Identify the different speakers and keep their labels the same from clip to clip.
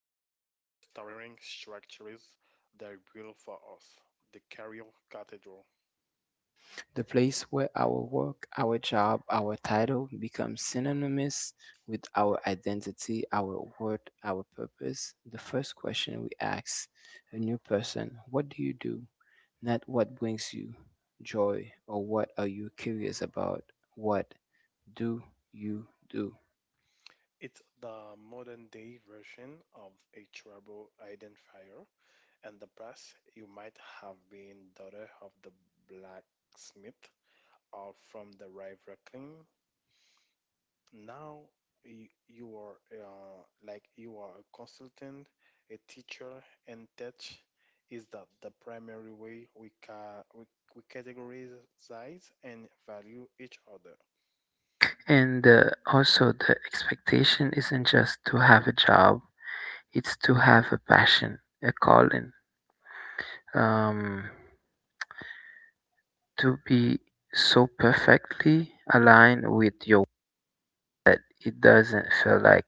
Speaker 1: towering structures they built for us the Cairo Cathedral.
Speaker 2: The place where our work, our job, our title become synonymous with our identity, our worth, our purpose. The first question we ask a new person, what do you do? Not what brings you joy or what are you curious about? What do you do?
Speaker 1: It's the modern day version of a tribal identifier. In the past, you might have been daughter of the blacksmith or from the rival clan now you are like you are a consultant, a teacher, and that is that the primary way we categorize and value each other.
Speaker 2: And also, the expectation isn't just to have a job, it's to have a passion, a calling. Um, to be so perfectly aligned with your that it doesn't feel like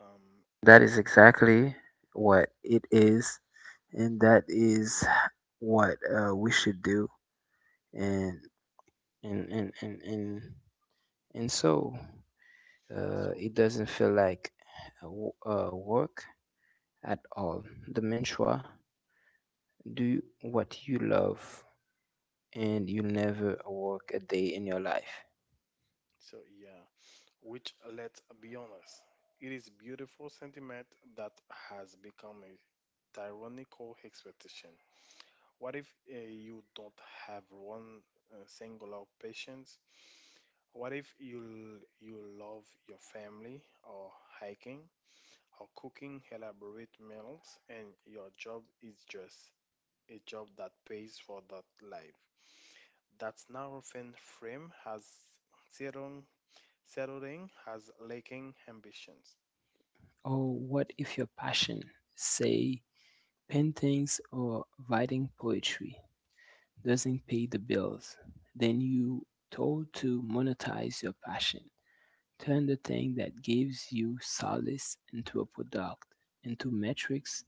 Speaker 1: Um,
Speaker 2: that
Speaker 1: which
Speaker 2: is exactly what it is and that is what we should do and and and and and, and so
Speaker 1: so
Speaker 2: it doesn't feel like work at all. The mantra, do what you love and you'll never work a day in your life.
Speaker 1: so yeah, which let's be honest, it is beautiful sentiment that has become a tyrannical expectation. What if you don't have one singular patience? What if you love your family or hiking or cooking elaborate meals and your job is just a job that pays for that life? That narrow fin frame has zero settling has lacking ambitions.
Speaker 2: Oh, what if your passion, say paintings or writing poetry, doesn't pay the bills, then you told to monetize your passion. Turn the thing that gives you solace into a product, into metrics,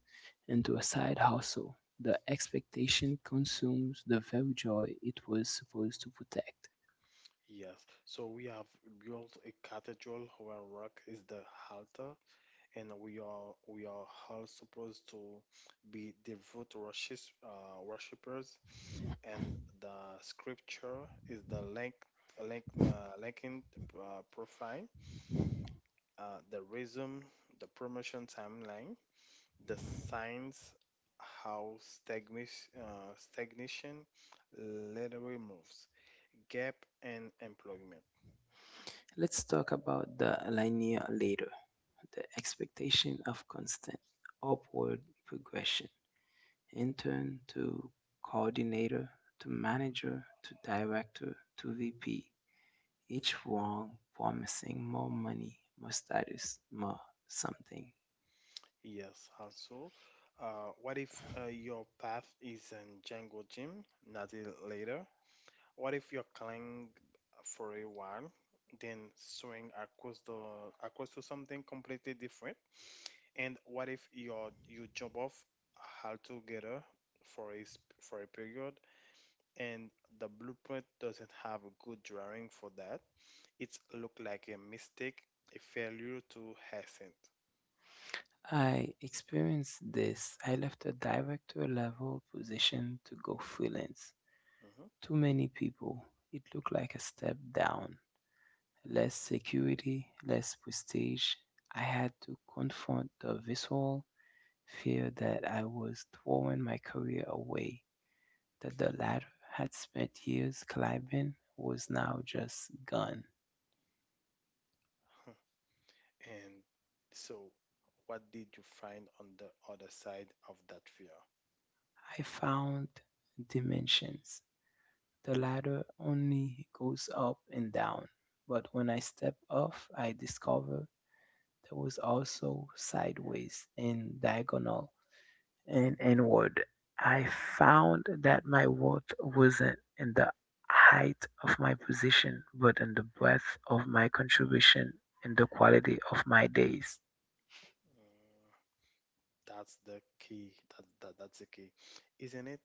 Speaker 2: into a side hustle. The expectation consumes the very joy it was supposed to protect.
Speaker 1: Yes, so we have built a cathedral where rock is the altar and we are all supposed to be devout worshippers and the scripture is the link linking profile the rhythm the promotion timeline the signs how stagnation literally moves gap and employment.
Speaker 2: Let's talk about the linear later, the expectation of constant upward progression. Intern to coordinator to manager to director to VP, each one promising more money, more status, more something.
Speaker 1: Yes, also, what if your path is in Django Gym, not it later? What if you clang for a while, then swing across the across to something completely different? And what if you jump off altogether for for a period, and the blueprint doesn't have a good drawing for that? It's look like a mistake, a failure to hasten.
Speaker 2: I experienced this. I left a director level position to go freelance.
Speaker 1: Mhm.
Speaker 2: Too many people. It looked like a step down. Less security, less prestige. I had to confront the visceral fear that I was throwing my career away, that the latter had spent years climbing was now just gone.
Speaker 1: And so, what did you find on the other side of that fear?
Speaker 2: I found dimensions. The ladder only goes up and down, but when I step off, I discover there was also sideways and diagonal and inward. I found that my worth wasn't in the height of my position, but in the breadth of my contribution and the quality of my days.
Speaker 1: That's the key. That's the key, isn't it?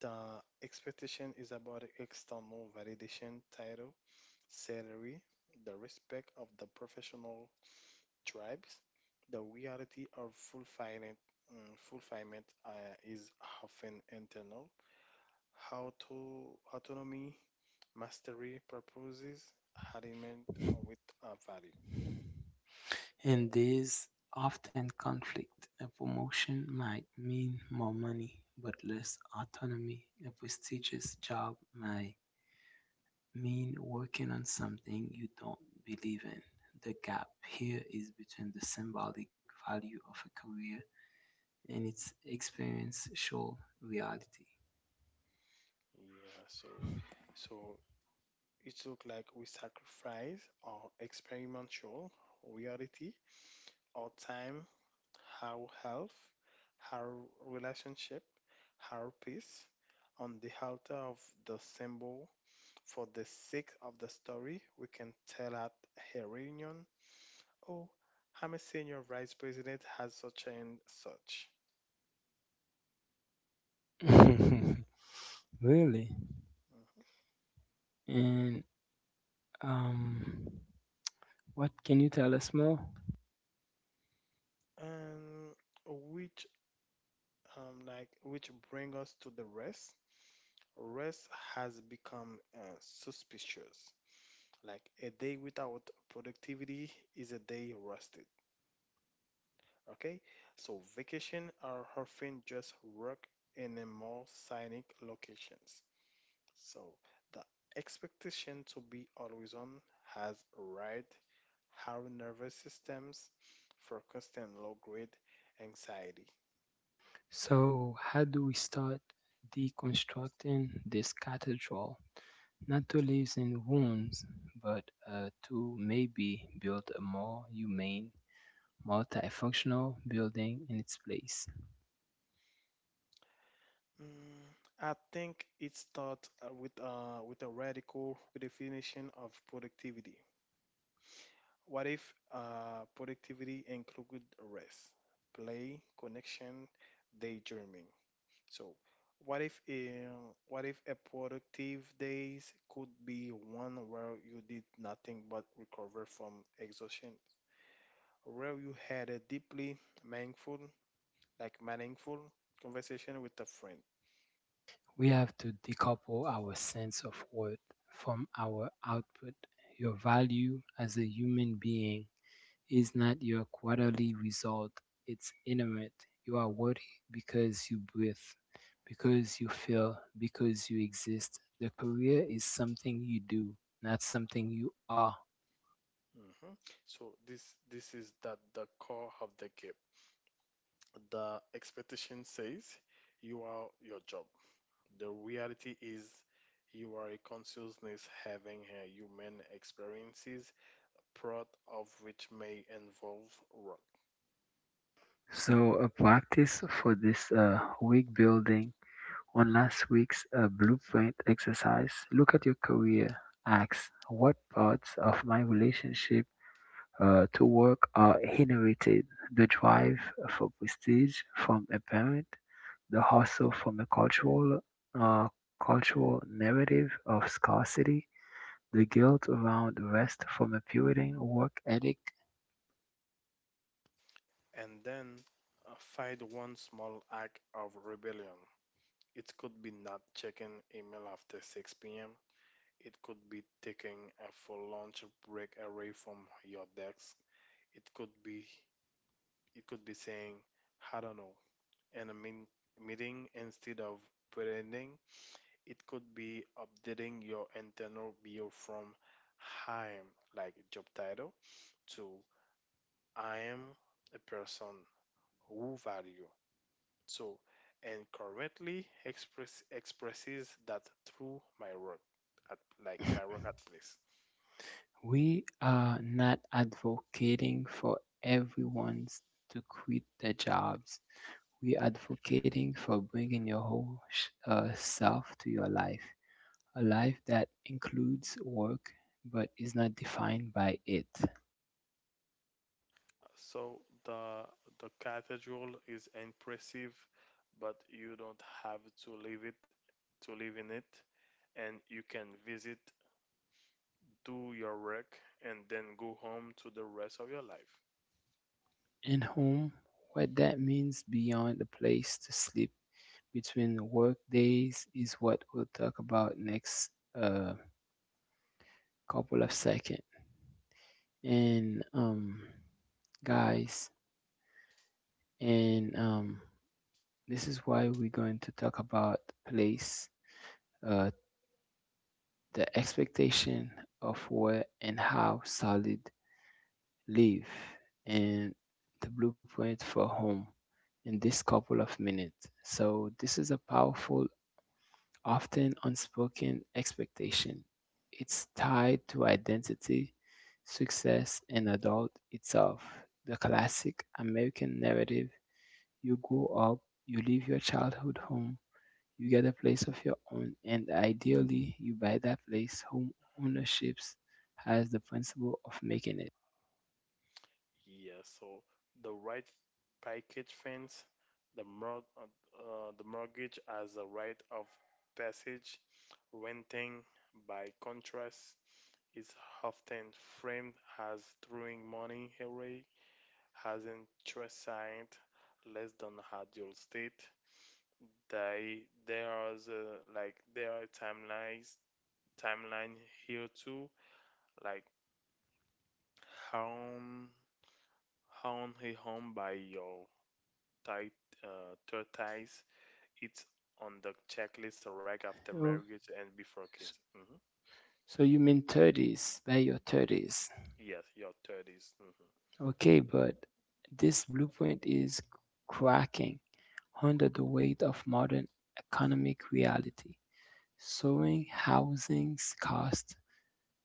Speaker 1: The expectation is about external validation, title, salary, the respect of the professional tribes. The reality of fulfillment, fulfillment is often internal. How to autonomy, mastery, purposes, alignment with a value.
Speaker 2: In these often conflict, a promotion might mean more money but less autonomy. A prestigious job might mean working on something you don't believe in. The gap here is between the symbolic value of a career and its experience show reality.
Speaker 1: Yeah, so it look like we sacrifice our experimental reality, our time, our health, our relationship, our peace on the altar of the symbol for the sake of the story we can tell at a reunion. Oh, I'm a senior vice president has such and such.
Speaker 2: Really?
Speaker 1: Mhm.
Speaker 2: And um, what can you tell us more?
Speaker 1: And which like which bring us to the rest. Rest has become suspicious. Like a day without productivity is a day rusted. Okay, so vacation are often just work in a more scenic locations. So the expectation to be always on has right our nervous systems for constant low grade anxiety.
Speaker 2: So, how do we start deconstructing this cathedral? Not to live in wounds, but to maybe build a more humane, multifunctional building in its place.
Speaker 1: Mm, I think it starts with a radical redefinition of productivity. What if productivity include rest, play, connection, daydreaming? So, what if a productive days could be one where you did nothing but recover from exhaustion, where you had a deeply meaningful, meaningful conversation with a friend?
Speaker 2: We have to decouple our sense of worth from our output. Your value as a human being is not your quarterly result, it's intimate. You are worthy because you breathe, because you feel, because you exist. The career is something you do, not something you are.
Speaker 1: Hmm. So this is that the core of the game. The expectation says you are your job. The reality is you are a consciousness having a human experiences, part of which may involve work.
Speaker 2: So, a practice for this week, building on last week's blueprint exercise, look at your career. Ask what parts of my relationship to work are inherited: the drive for prestige from a parent, the hustle from a uh, cultural narrative of scarcity, the guilt around rest from a Puritan work ethic.
Speaker 1: And then find one small act of rebellion. It could be not checking email after 6 p.m. It could be taking a full lunch break away from your desk. It could be it could be saying, I don't know, in meeting instead of pretending. It could be updating your internal bio from I am like job title to I am a person who value. So and currently expresses that through my work at like my work at place.
Speaker 2: We are not advocating for everyone to quit their jobs. We are advocating for bringing your whole self to your life, a life that includes work but is not defined by it.
Speaker 1: So the the cathedral is impressive, but you don't have to live it to live in it, and you can visit do your work, and then go home to the rest of your life.
Speaker 2: And home, what that means beyond a place to sleep between work days is what we'll talk about next uh, couple of seconds. And guys, and this is why we're going to talk about place, uh, the expectation of where and how solid live, and the blueprint for home in this couple of minutes. So this is a powerful, often unspoken expectation. It's tied to identity, success, and adult itself. The classic American narrative: you grow up, you leave your childhood home. You get a place of your own, and ideally, you buy that place. Home ownership has the principle of making it.
Speaker 1: Yeah, so the right package fence, the mor- uh, the mortgage as a right of passage, renting by contrast is often framed as throwing money away, has interest signed less than ideal state. They there is a, like there are timelines timeline here too. Like Home, home by your tight third ties. It's on the checklist right after
Speaker 2: Oh,
Speaker 1: marriage and before kids.
Speaker 2: s-
Speaker 1: Hmm.
Speaker 2: so you mean 30s, by your 30s.
Speaker 1: Yes, your 30s. Hmm.
Speaker 2: Okay, but this blueprint is cracking under the weight of modern economic reality. Soaring housing's cost,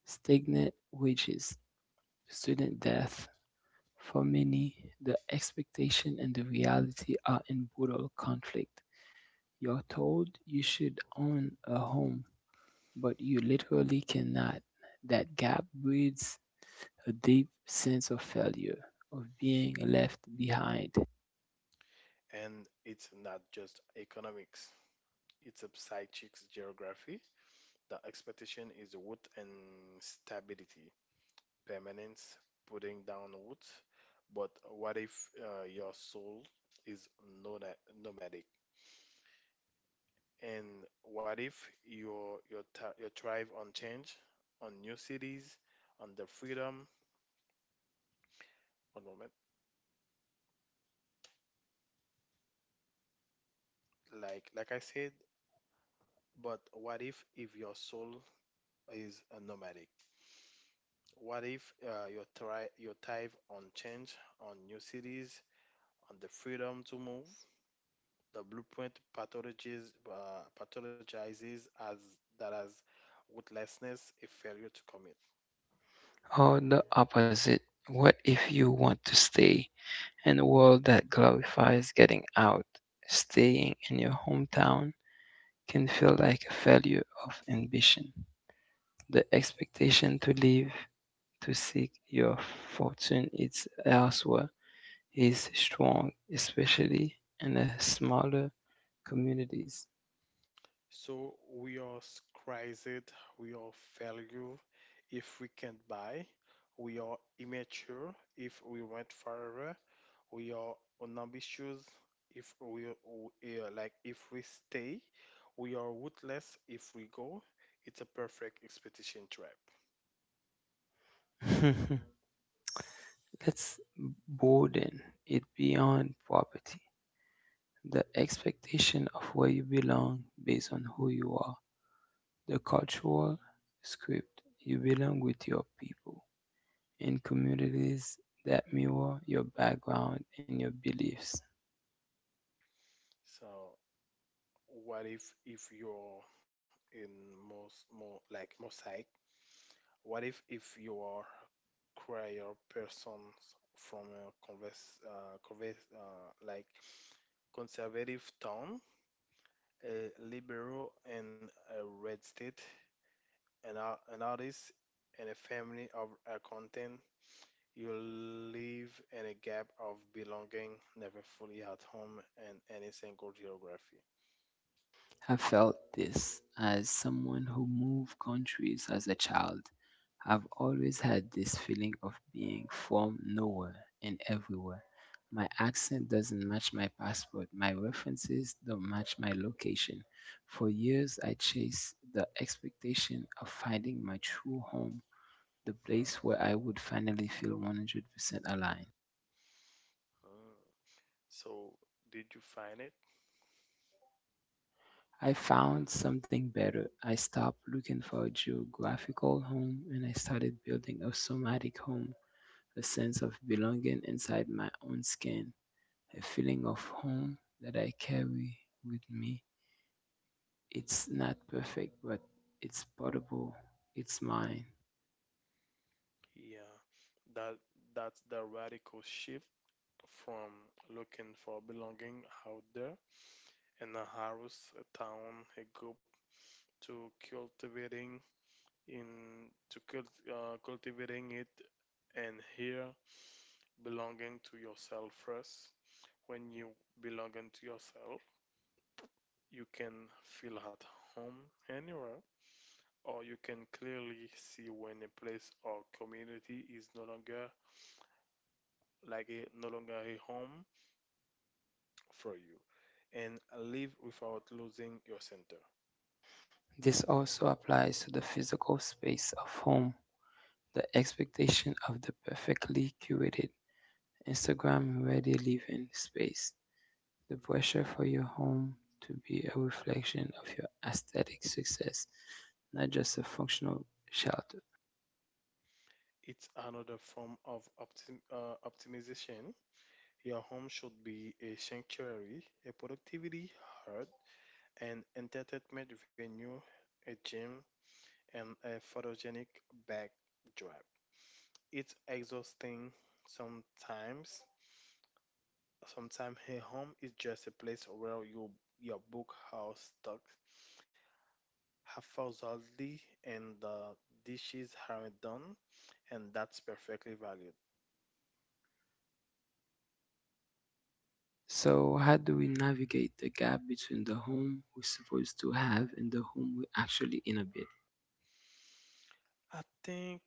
Speaker 2: stagnant wages, student death. For many, the expectation and the reality are in brutal conflict. You're told you should own a home, but you literally cannot. That gap breeds a deep sense of failure, of being left behind.
Speaker 1: And it's not just economics, it's a psychics geography. The expectation is wood and stability, permanence, putting down wood. But what if your soul is nomadic? And what if your thrive on change, on new cities, on the freedom? One moment, like I said, but what if your soul is a nomadic? What if your thrive on change, on new cities, on the freedom to move? The blueprint pathologizes as that as rootlessness, a failure to commit.
Speaker 2: Or the opposite, what if you want to stay in a world that glorifies getting out? Staying in your hometown can feel like a failure of ambition. The expectation to live, to seek your fortune, is elsewhere. He is strong, especially in the smaller communities.
Speaker 1: So we are crazed, we are failure if we can't buy, we are immature if we rent forever, we are unambitious if we are like if we stay, we are ruthless if we go. It's a perfect expedition trap.
Speaker 2: Let's broaden it beyond property. The expectation of where you belong based on who you are, the cultural script, you belong with your people in communities that mirror your background and your beliefs.
Speaker 1: So what if you're in most more like mosaic? What if you are require persons from a converse, converse, like conservative town, a liberal in a red state, an artist and a family of accountant. You live in a gap of belonging, never fully at home in any single geography.
Speaker 2: Have felt this as someone who moved countries as a child. I've always had this feeling of being from nowhere and everywhere. My accent doesn't match my passport. My references don't match my location. For years, I chased the expectation of finding my true home, the place where I would finally feel 100% aligned.
Speaker 1: Hmm. So, did you find it?
Speaker 2: I found something better. I stopped looking for a geographical home and I started building a somatic home, a sense of belonging inside my own skin, a feeling of home that I carry with me. It's not perfect, but it's portable, it's mine.
Speaker 1: Yeah, that that's the radical shift from looking for belonging out there and Aarhus, a town a group, to in cultivating it and here belonging to yourself first. When you belonging to yourself, you can feel at home anywhere, or you can clearly see when a place or community is no longer a home for you, and live without losing your center.
Speaker 2: This also applies to the physical space of home, the expectation of the perfectly curated Instagram ready living space. The pressure for your home to be a reflection of your aesthetic success, not just a functional shelter.
Speaker 1: It's another form of optimization. Your home should be a sanctuary, a productivity hub, an entertainment venue, a gym, and a photogenic backdrop. It's exhausting sometimes. Sometimes a home is just a place where you, your book house stuck half lousy and the dishes aren't done, and that's perfectly valued.
Speaker 2: So, how do we navigate the gap between the home we're supposed to have and the home we actually inhabit?
Speaker 1: I think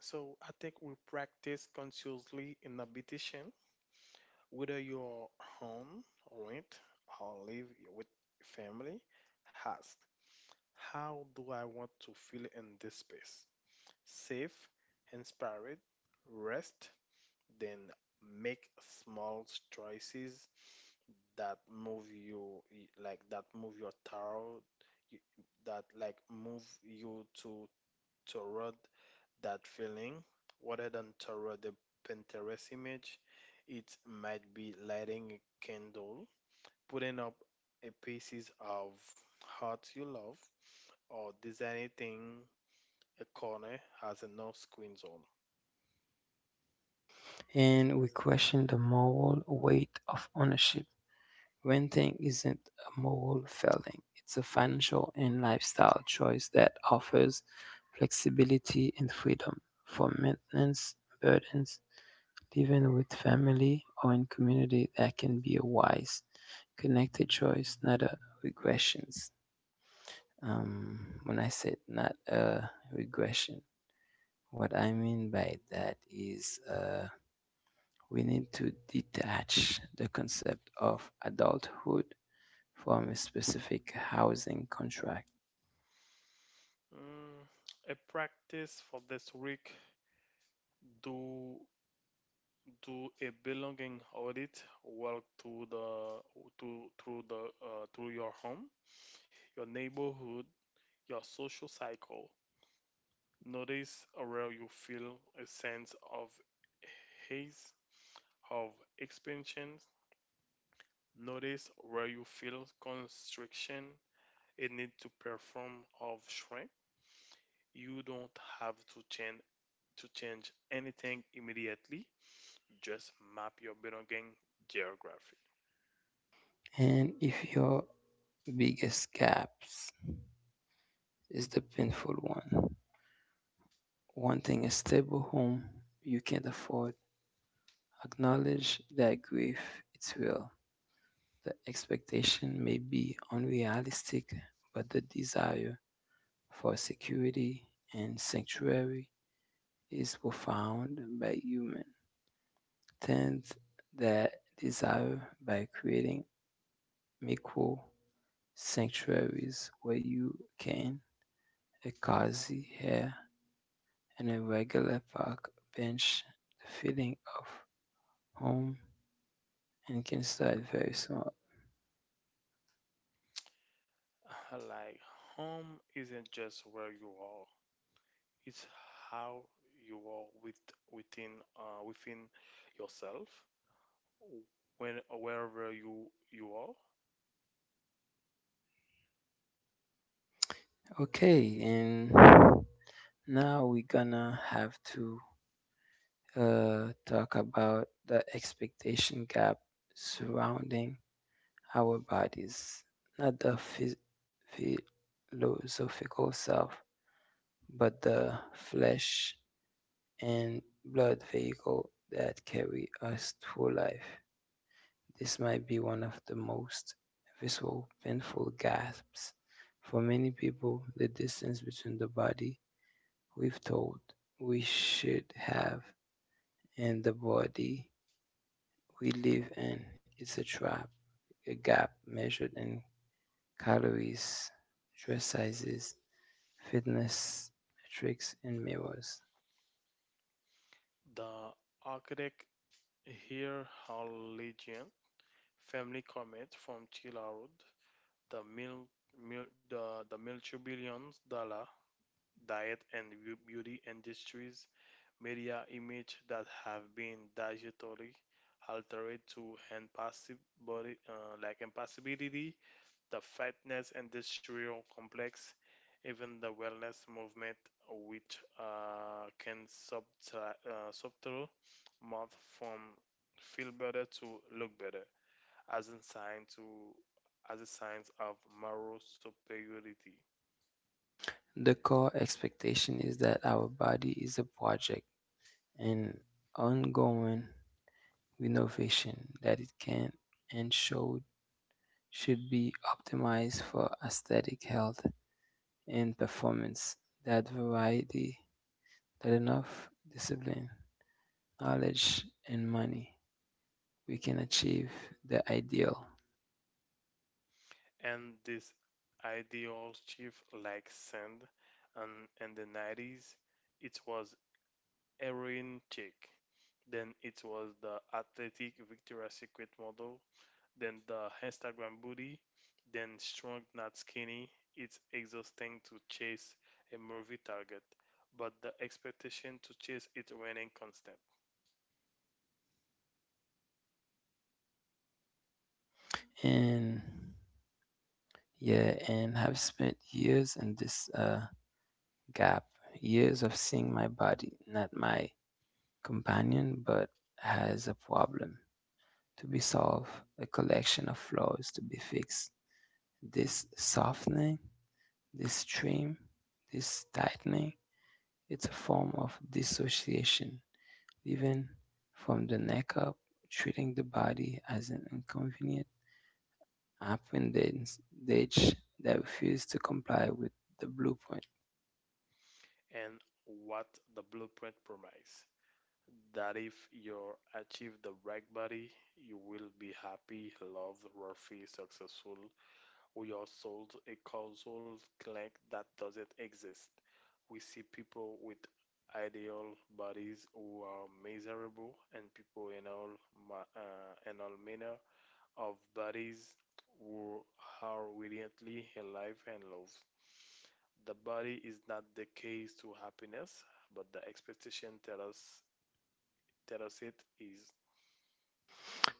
Speaker 1: So I think we practice consciously in meditation, whether you're home, rent, or live with family. Ask, how do I want to feel in this space? Safe, inspired, rest, then make small choices that move you like that move your tarot y- that like move you to toward that feeling rather than throw the Pinterest image. It might be lighting a candle, putting up a pieces of art you love, or designing a corner as a no screen zone.
Speaker 2: And we question the moral weight of ownership. Renting isn't a moral failing, it's a financial and lifestyle choice that offers flexibility and freedom for maintenance burdens. Living with family or in community, that can be a wise, connected choice, not a regressions. When I said not a regression, what I mean by that is we need to detach the concept of adulthood from a specific housing contract.
Speaker 1: Mm, a practice for this week do do a belonging audit walk through the to through the through your home your neighborhood your social cycle. Notice around you feel a sense of haze, of expansion. Notice where you feel constriction, a need to perform of shrink. You don't have to change anything immediately. Just map your belonging geography.
Speaker 2: And if your biggest gaps is the painful one, wanting a stable home you can't afford, acknowledge that grief is real. The expectation may be unrealistic, but the desire for security and sanctuary is profound by human. Tend that desire by creating micro sanctuaries where you can, a cozy hair and a regular park bench, the feeling of home and can start very small.
Speaker 1: Like home isn't just where you are; it's how you are within yourself. When wherever you are.
Speaker 2: Okay, and now we're gonna have to talk about the expectation gap surrounding our bodies, not the philosophical self, but the flesh and blood vehicle that carry us through life. This might be one of the most visceral, painful gasps. For many people, the distance between the body we've told we should have and the body we live in is a trap, a gap measured in calories, dress sizes, fitness metrics, and mirrors.
Speaker 1: The architect here Harlegian family comet from Chila Road. The mil, mil the multi billions dollar diet and beauty industries media images that have been digitally altered to enhance body, impossibility, the fitness industrial complex, even the wellness movement, which can subtle move from feel better to look better as a sign to as a signs of moral superiority.
Speaker 2: The core expectation is that our body is a project, an ongoing renovation that it can and should be optimized for aesthetic health and performance. That variety, that enough discipline, knowledge, and money we can achieve the ideal.
Speaker 1: And this ideal shift like sand and in the 90s it was heroin chic then it was the athletic Victoria's Secret model then the Instagram booty then strong not skinny it's exhausting to chase a movie target but the expectation to chase it remaining constant.
Speaker 2: And yeah, and have spent years in this gap, years of seeing my body, not my companion, but has a problem to be solved, a collection of flaws to be fixed. This softening, this stream, this tightening, it's a form of dissociation, even from the neck up, treating the body as an inconvenient. Often they refuse to comply with the blueprint.
Speaker 1: And what the blueprint promise that if you achieve the right body, you will be happy, loved, wealthy, successful. We are sold a causal clank that doesn't exist. We see people with ideal bodies who are miserable, and people in all ma- in all manner of bodies who are brilliantly alive and loved. The body is not the case to happiness, but the expectation tells us Terocit is it. Is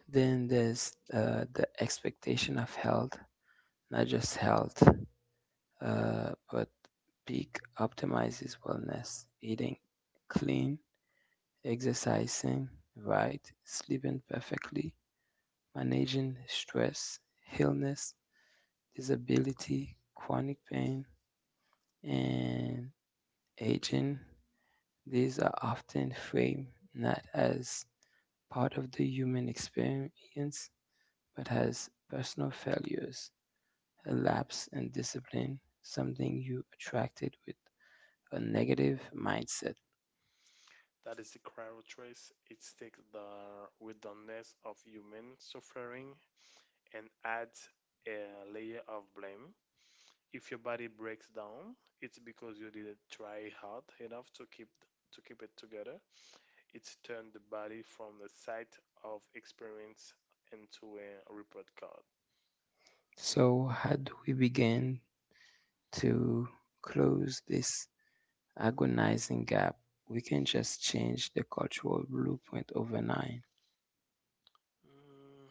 Speaker 2: Then there's the expectation of health, not just health, but peak optimizes wellness, eating clean, exercising right, sleeping perfectly, managing stress, illness, disability, chronic pain, and aging. These are often framed not as part of the human experience, but has personal failures, a lapse in discipline, something you attracted with a negative mindset.
Speaker 1: that is the crowd trace. It takes the wilderness of human suffering and adds a layer of blame. If your body breaks down, it's because you didn't try hard enough to keep it together. It's turned the body from the site of experience into a report card.
Speaker 2: So, how do we begin to close this agonizing gap? We can just change the cultural blueprint overnight.
Speaker 1: Mm,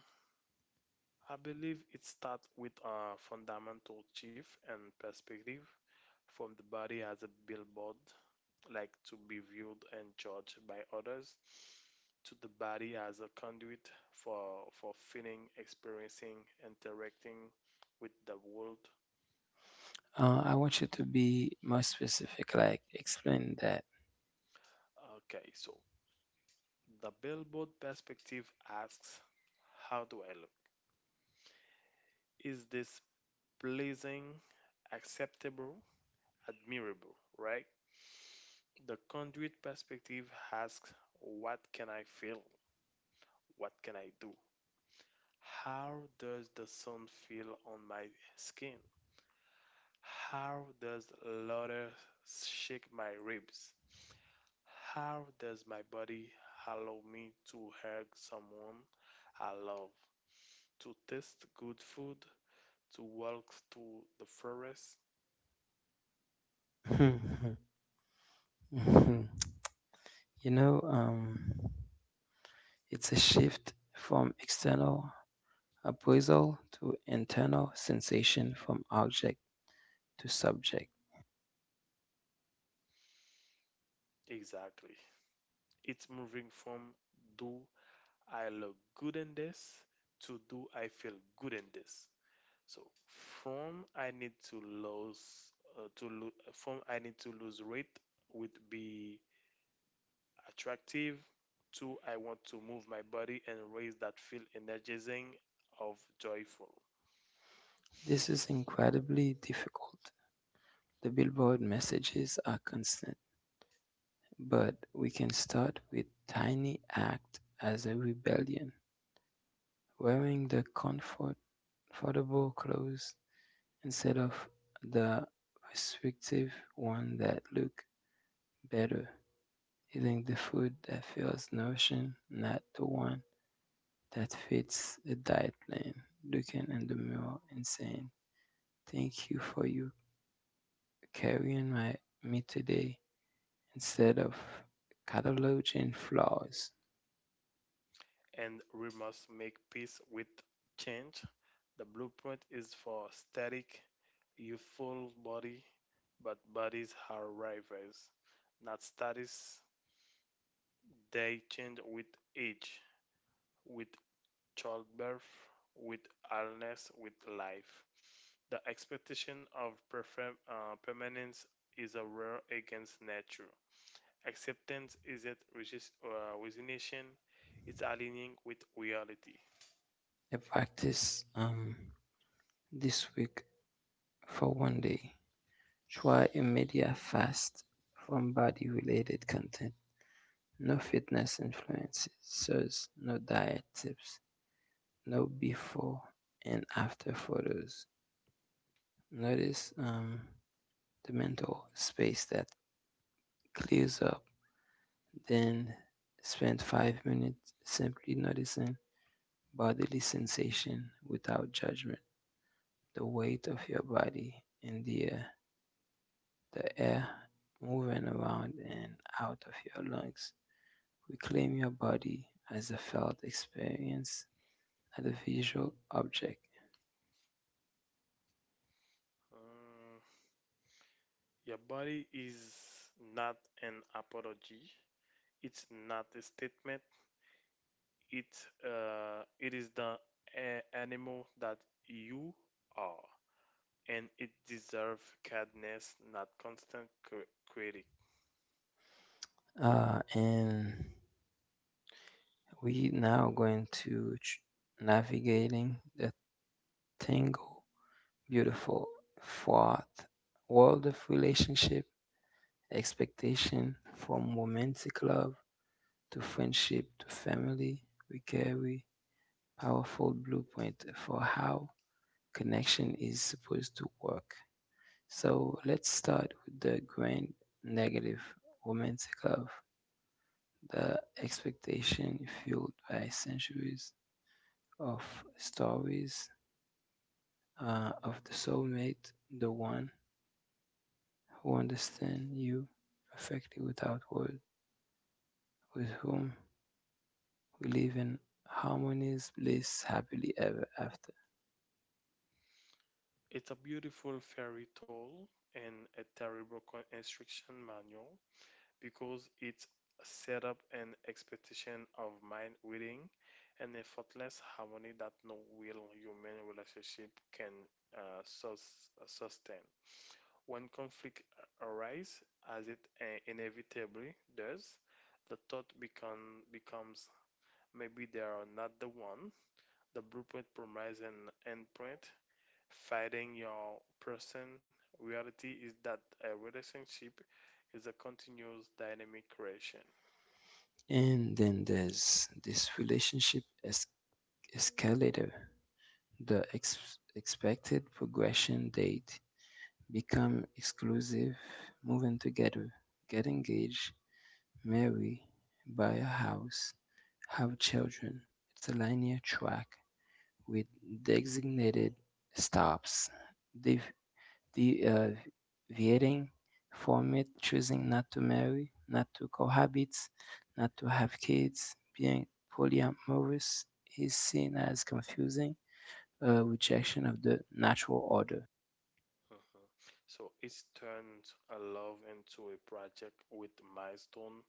Speaker 1: I believe it starts with a fundamental shift and perspective from the body as a billboard like to be viewed and judged by others, to the body as a conduit for feeling, experiencing, interacting with the world.
Speaker 2: I want you to be more specific, like explain that.
Speaker 1: Okay, so the billboard perspective asks, how do I look? Is this pleasing, acceptable, admirable, right? The conduit perspective asks, what can I feel? What can I do? How does the sun feel on my skin? How does laughter shake my ribs? How does my body allow me to hug someone I love? To taste good food? To walk through the forest?
Speaker 2: You know, it's a shift from external appraisal to internal sensation, from object to subject.
Speaker 1: Exactly. It's moving from do I look good in this to do I feel good in this. So from I need to lose from I need to lose weight would be attractive. Two, I want to move my body and raise that feel energizing of joyful.
Speaker 2: This is incredibly difficult. The billboard messages are constant, but we can start with tiny act as a rebellion, wearing the comfort, affordable clothes instead of the restrictive one that look better, eating the food that feels nourishing, not the one that fits a diet plan, looking in the mirror and saying, thank you for you carrying my me today instead of cataloging flaws.
Speaker 1: And we must make peace with change. The blueprint is for static, youthful body, but bodies are rivals, not status. They change with age, with childbirth, with illness, with life. The expectation of permanence is a war against nature. Acceptance isn't resignation, it's aligning with reality.
Speaker 2: I practice this week for one day. Try a media fast from body related content. No fitness influencers, no diet tips, no before and after photos. Notice the mental space that clears up, then spend 5 minutes simply noticing bodily sensation without judgment, the weight of your body in the air moving around and out of your lungs. Reclaim your body as a felt experience, not a visual object.
Speaker 1: Uh, your body is not an apology, it's not a statement, it, it is the animal that you are, and it deserves kindness, not constant critic.
Speaker 2: And we now going to navigating the tangle, beautiful, fraught world of relationship expectation from romantic love to friendship to family, we carry powerful blueprint for how connection is supposed to work. So let's start with the grand negative romantic love, the expectation fueled by centuries of stories of the soulmate, the one who understands you perfectly without words, with whom we live in harmonious bliss happily ever after.
Speaker 1: It's a beautiful fairy tale and a terrible instruction manual because it set up an expectation of mind reading and effortless harmony that no real human relationship can sustain. When conflict arises, as it inevitably does, becomes maybe they are not the one. The blueprint promises an endpoint. Fighting your person reality is that a relationship is a continuous dynamic creation.
Speaker 2: And then there's this relationship escalator. The expected progression date become exclusive, move in together, get engaged, marry, buy a house, have children. It's a linear track with designated stops. Div- the Viering format, choosing not to marry, not to cohabit, not to have kids, being polyamorous is seen as confusing, a rejection of the natural order.
Speaker 1: Hmm. So it's turned a love into a project with milestone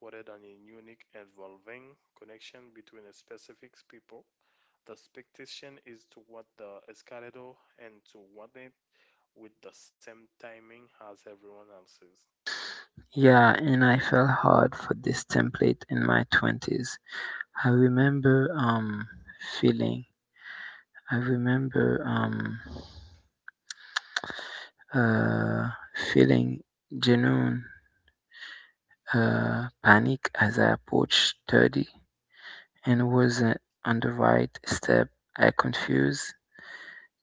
Speaker 1: rather than a unique evolving connection between a specific people. The expectation is to what the escalator and to want it with the same timing as everyone else's.
Speaker 2: Yeah, and I fell hard for this template in my 20s. I remember feeling, I remember um, uh, feeling genuine panic as I approached 30, and was on the right step. I confused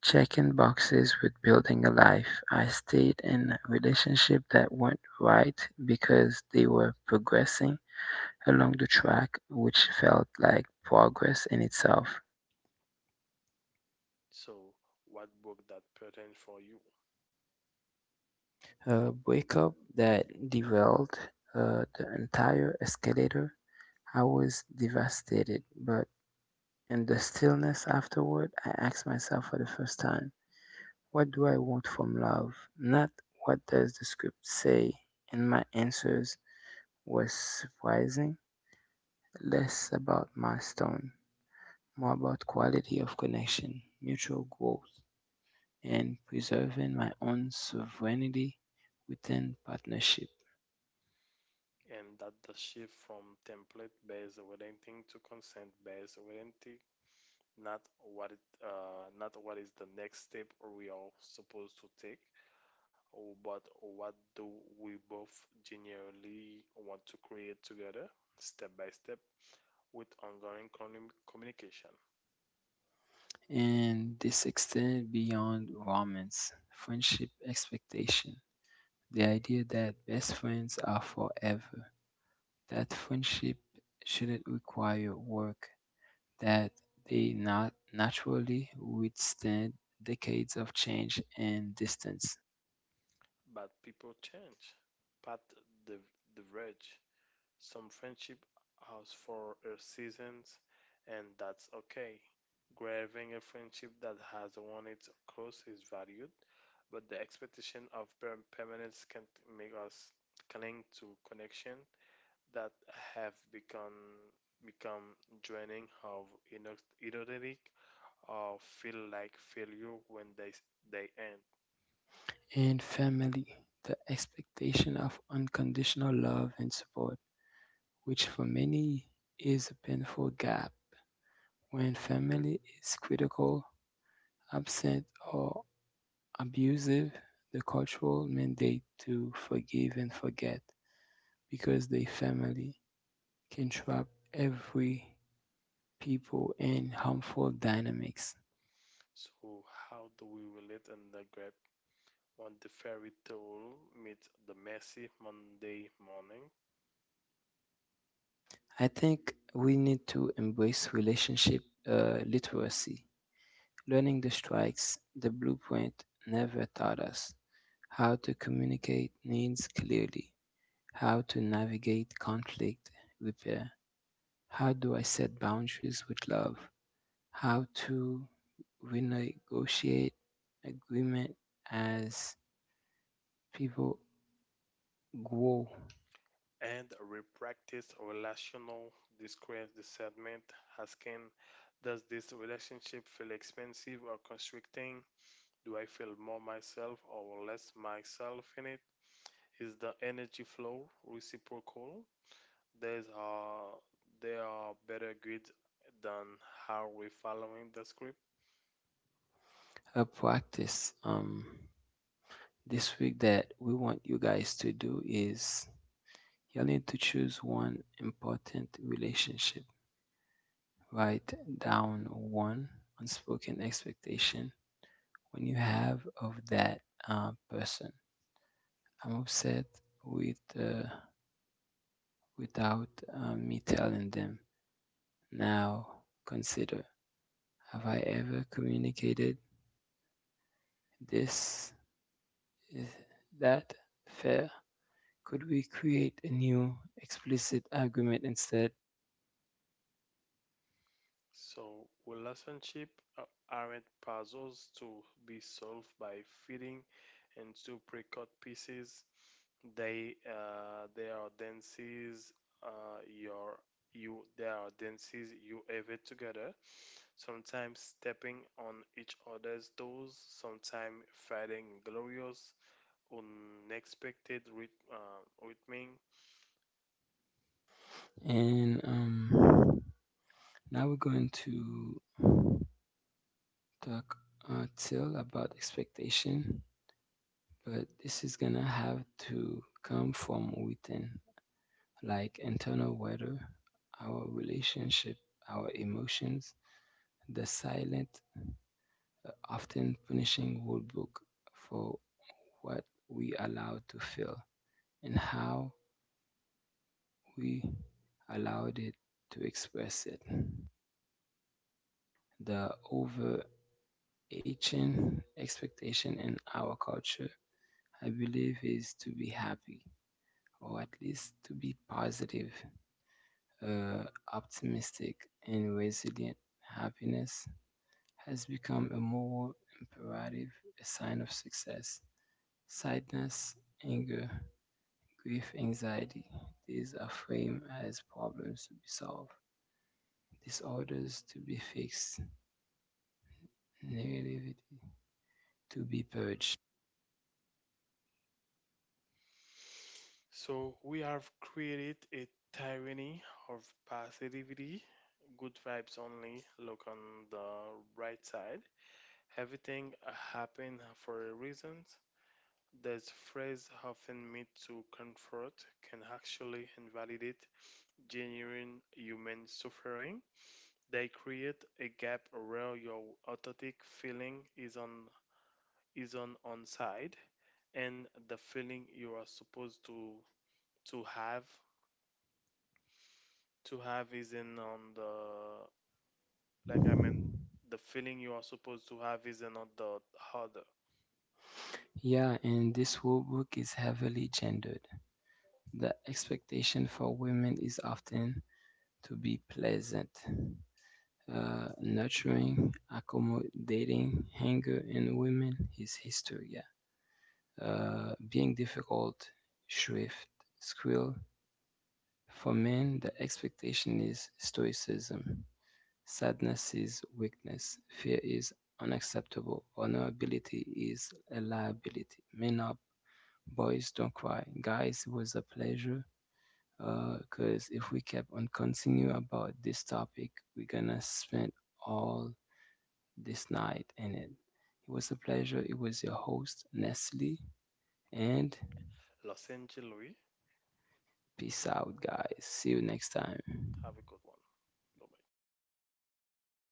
Speaker 2: checking boxes with building a life. I stayed in relationships that weren't right because they were progressing along the track, which felt like progress in itself.
Speaker 1: So what broke that pattern for you?
Speaker 2: A breakup that derailed the entire escalator. I was devastated, but in the stillness afterward, I asked myself for the first time, what do I want from love? Not what does the script say? And my answers were surprising. Less about milestone, more about quality of connection, mutual growth, and preserving my own sovereignty within partnership.
Speaker 1: And that the shift from template based orienting to consent based orienting not not what is the next step we are supposed to take, or- but what do we both genuinely want to create together, step by step, with ongoing communication.
Speaker 2: And this extended beyond romance, friendship expectation. The idea that best friends are forever, that friendship shouldn't require work, that they not naturally withstand decades of change and distance.
Speaker 1: But people change, path diverge. Some friendship house for a seasons, and that's okay. Grabbing a friendship that has won its course is valued but the expectation of permanence can make us cling to connection that have become draining of inauthentic or feel like failure when they end.
Speaker 2: And family, the expectation of unconditional love and support, which for many is a painful gap. When family is critical, absent, or abusive, the cultural mandate to forgive and forget because the family can trap every people in harmful dynamics.
Speaker 1: So how do we relate in the grip when the fairy tale meets the messy Monday morning?
Speaker 2: I think we need to embrace relationship literacy, learning the strikes the blueprint never taught us, how to communicate needs clearly, how to navigate conflict repair, how do I set boundaries with love, how to renegotiate agreement as people grow.
Speaker 1: And re-practice relational discrete discernment, asking, does this relationship feel expensive or constricting? Do I feel more myself or less myself in it? Is the energy flow reciprocal? There's uh, there are better grids than how we following the script.
Speaker 2: A practice this week that we want you guys to do is, you need to choose one important relationship. Write down one unspoken expectation when you have of that person. I'm upset with without me telling them. Now consider: have I ever communicated this? Is that fair? Could we create a new explicit agreement instead?
Speaker 1: So, relationships aren't puzzles to be solved by fitting into pre-cut pieces. They are dances your you There are dances you have it together. Sometimes stepping on each other's toes. Sometimes fighting glorious, unexpected rhythm.
Speaker 2: And Now we're going to talk until about expectation, but this is gonna have to come from within, like internal weather, our relationship, our emotions, the silent, often punishing rulebook for what we allow to feel and how we allowed it to express it. The overarching expectation in our culture, I believe, is to be happy, or at least to be positive, uh, optimistic, and resilient. Happiness has become a moral imperative, a sign of success. Sadness, anger, grief, anxiety, these are framed as problems to be solved, disorders to be fixed, negativity to be purged.
Speaker 1: So we have created a tyranny of positivity, good vibes only. Look on the right side. Everything happened for a reason. This phrase often meant to comfort can actually invalidate genuine human suffering. They create a gap where your authentic feeling is on side and the feeling you are supposed to to have to have isn't on the like I mean the feeling you are supposed to have isn't on the harder.
Speaker 2: Yeah, and this workbook is heavily gendered. The expectation for women is often to be pleasant, nurturing, accommodating, anger, in women is history. Yeah. Being difficult, shrift, squill. For men, the expectation is stoicism. Sadness is weakness. Fear is unacceptable. Vulnerability is a liability. Men up, boys don't cry. Guys, it was a pleasure. Because if we kept on continue about this topic, we're gonna spend all this night and it. It was a pleasure. It was your host, Nestle, and
Speaker 1: Los Angeles,
Speaker 2: peace out, guys. See you next time.
Speaker 1: have a good one. Bye bye.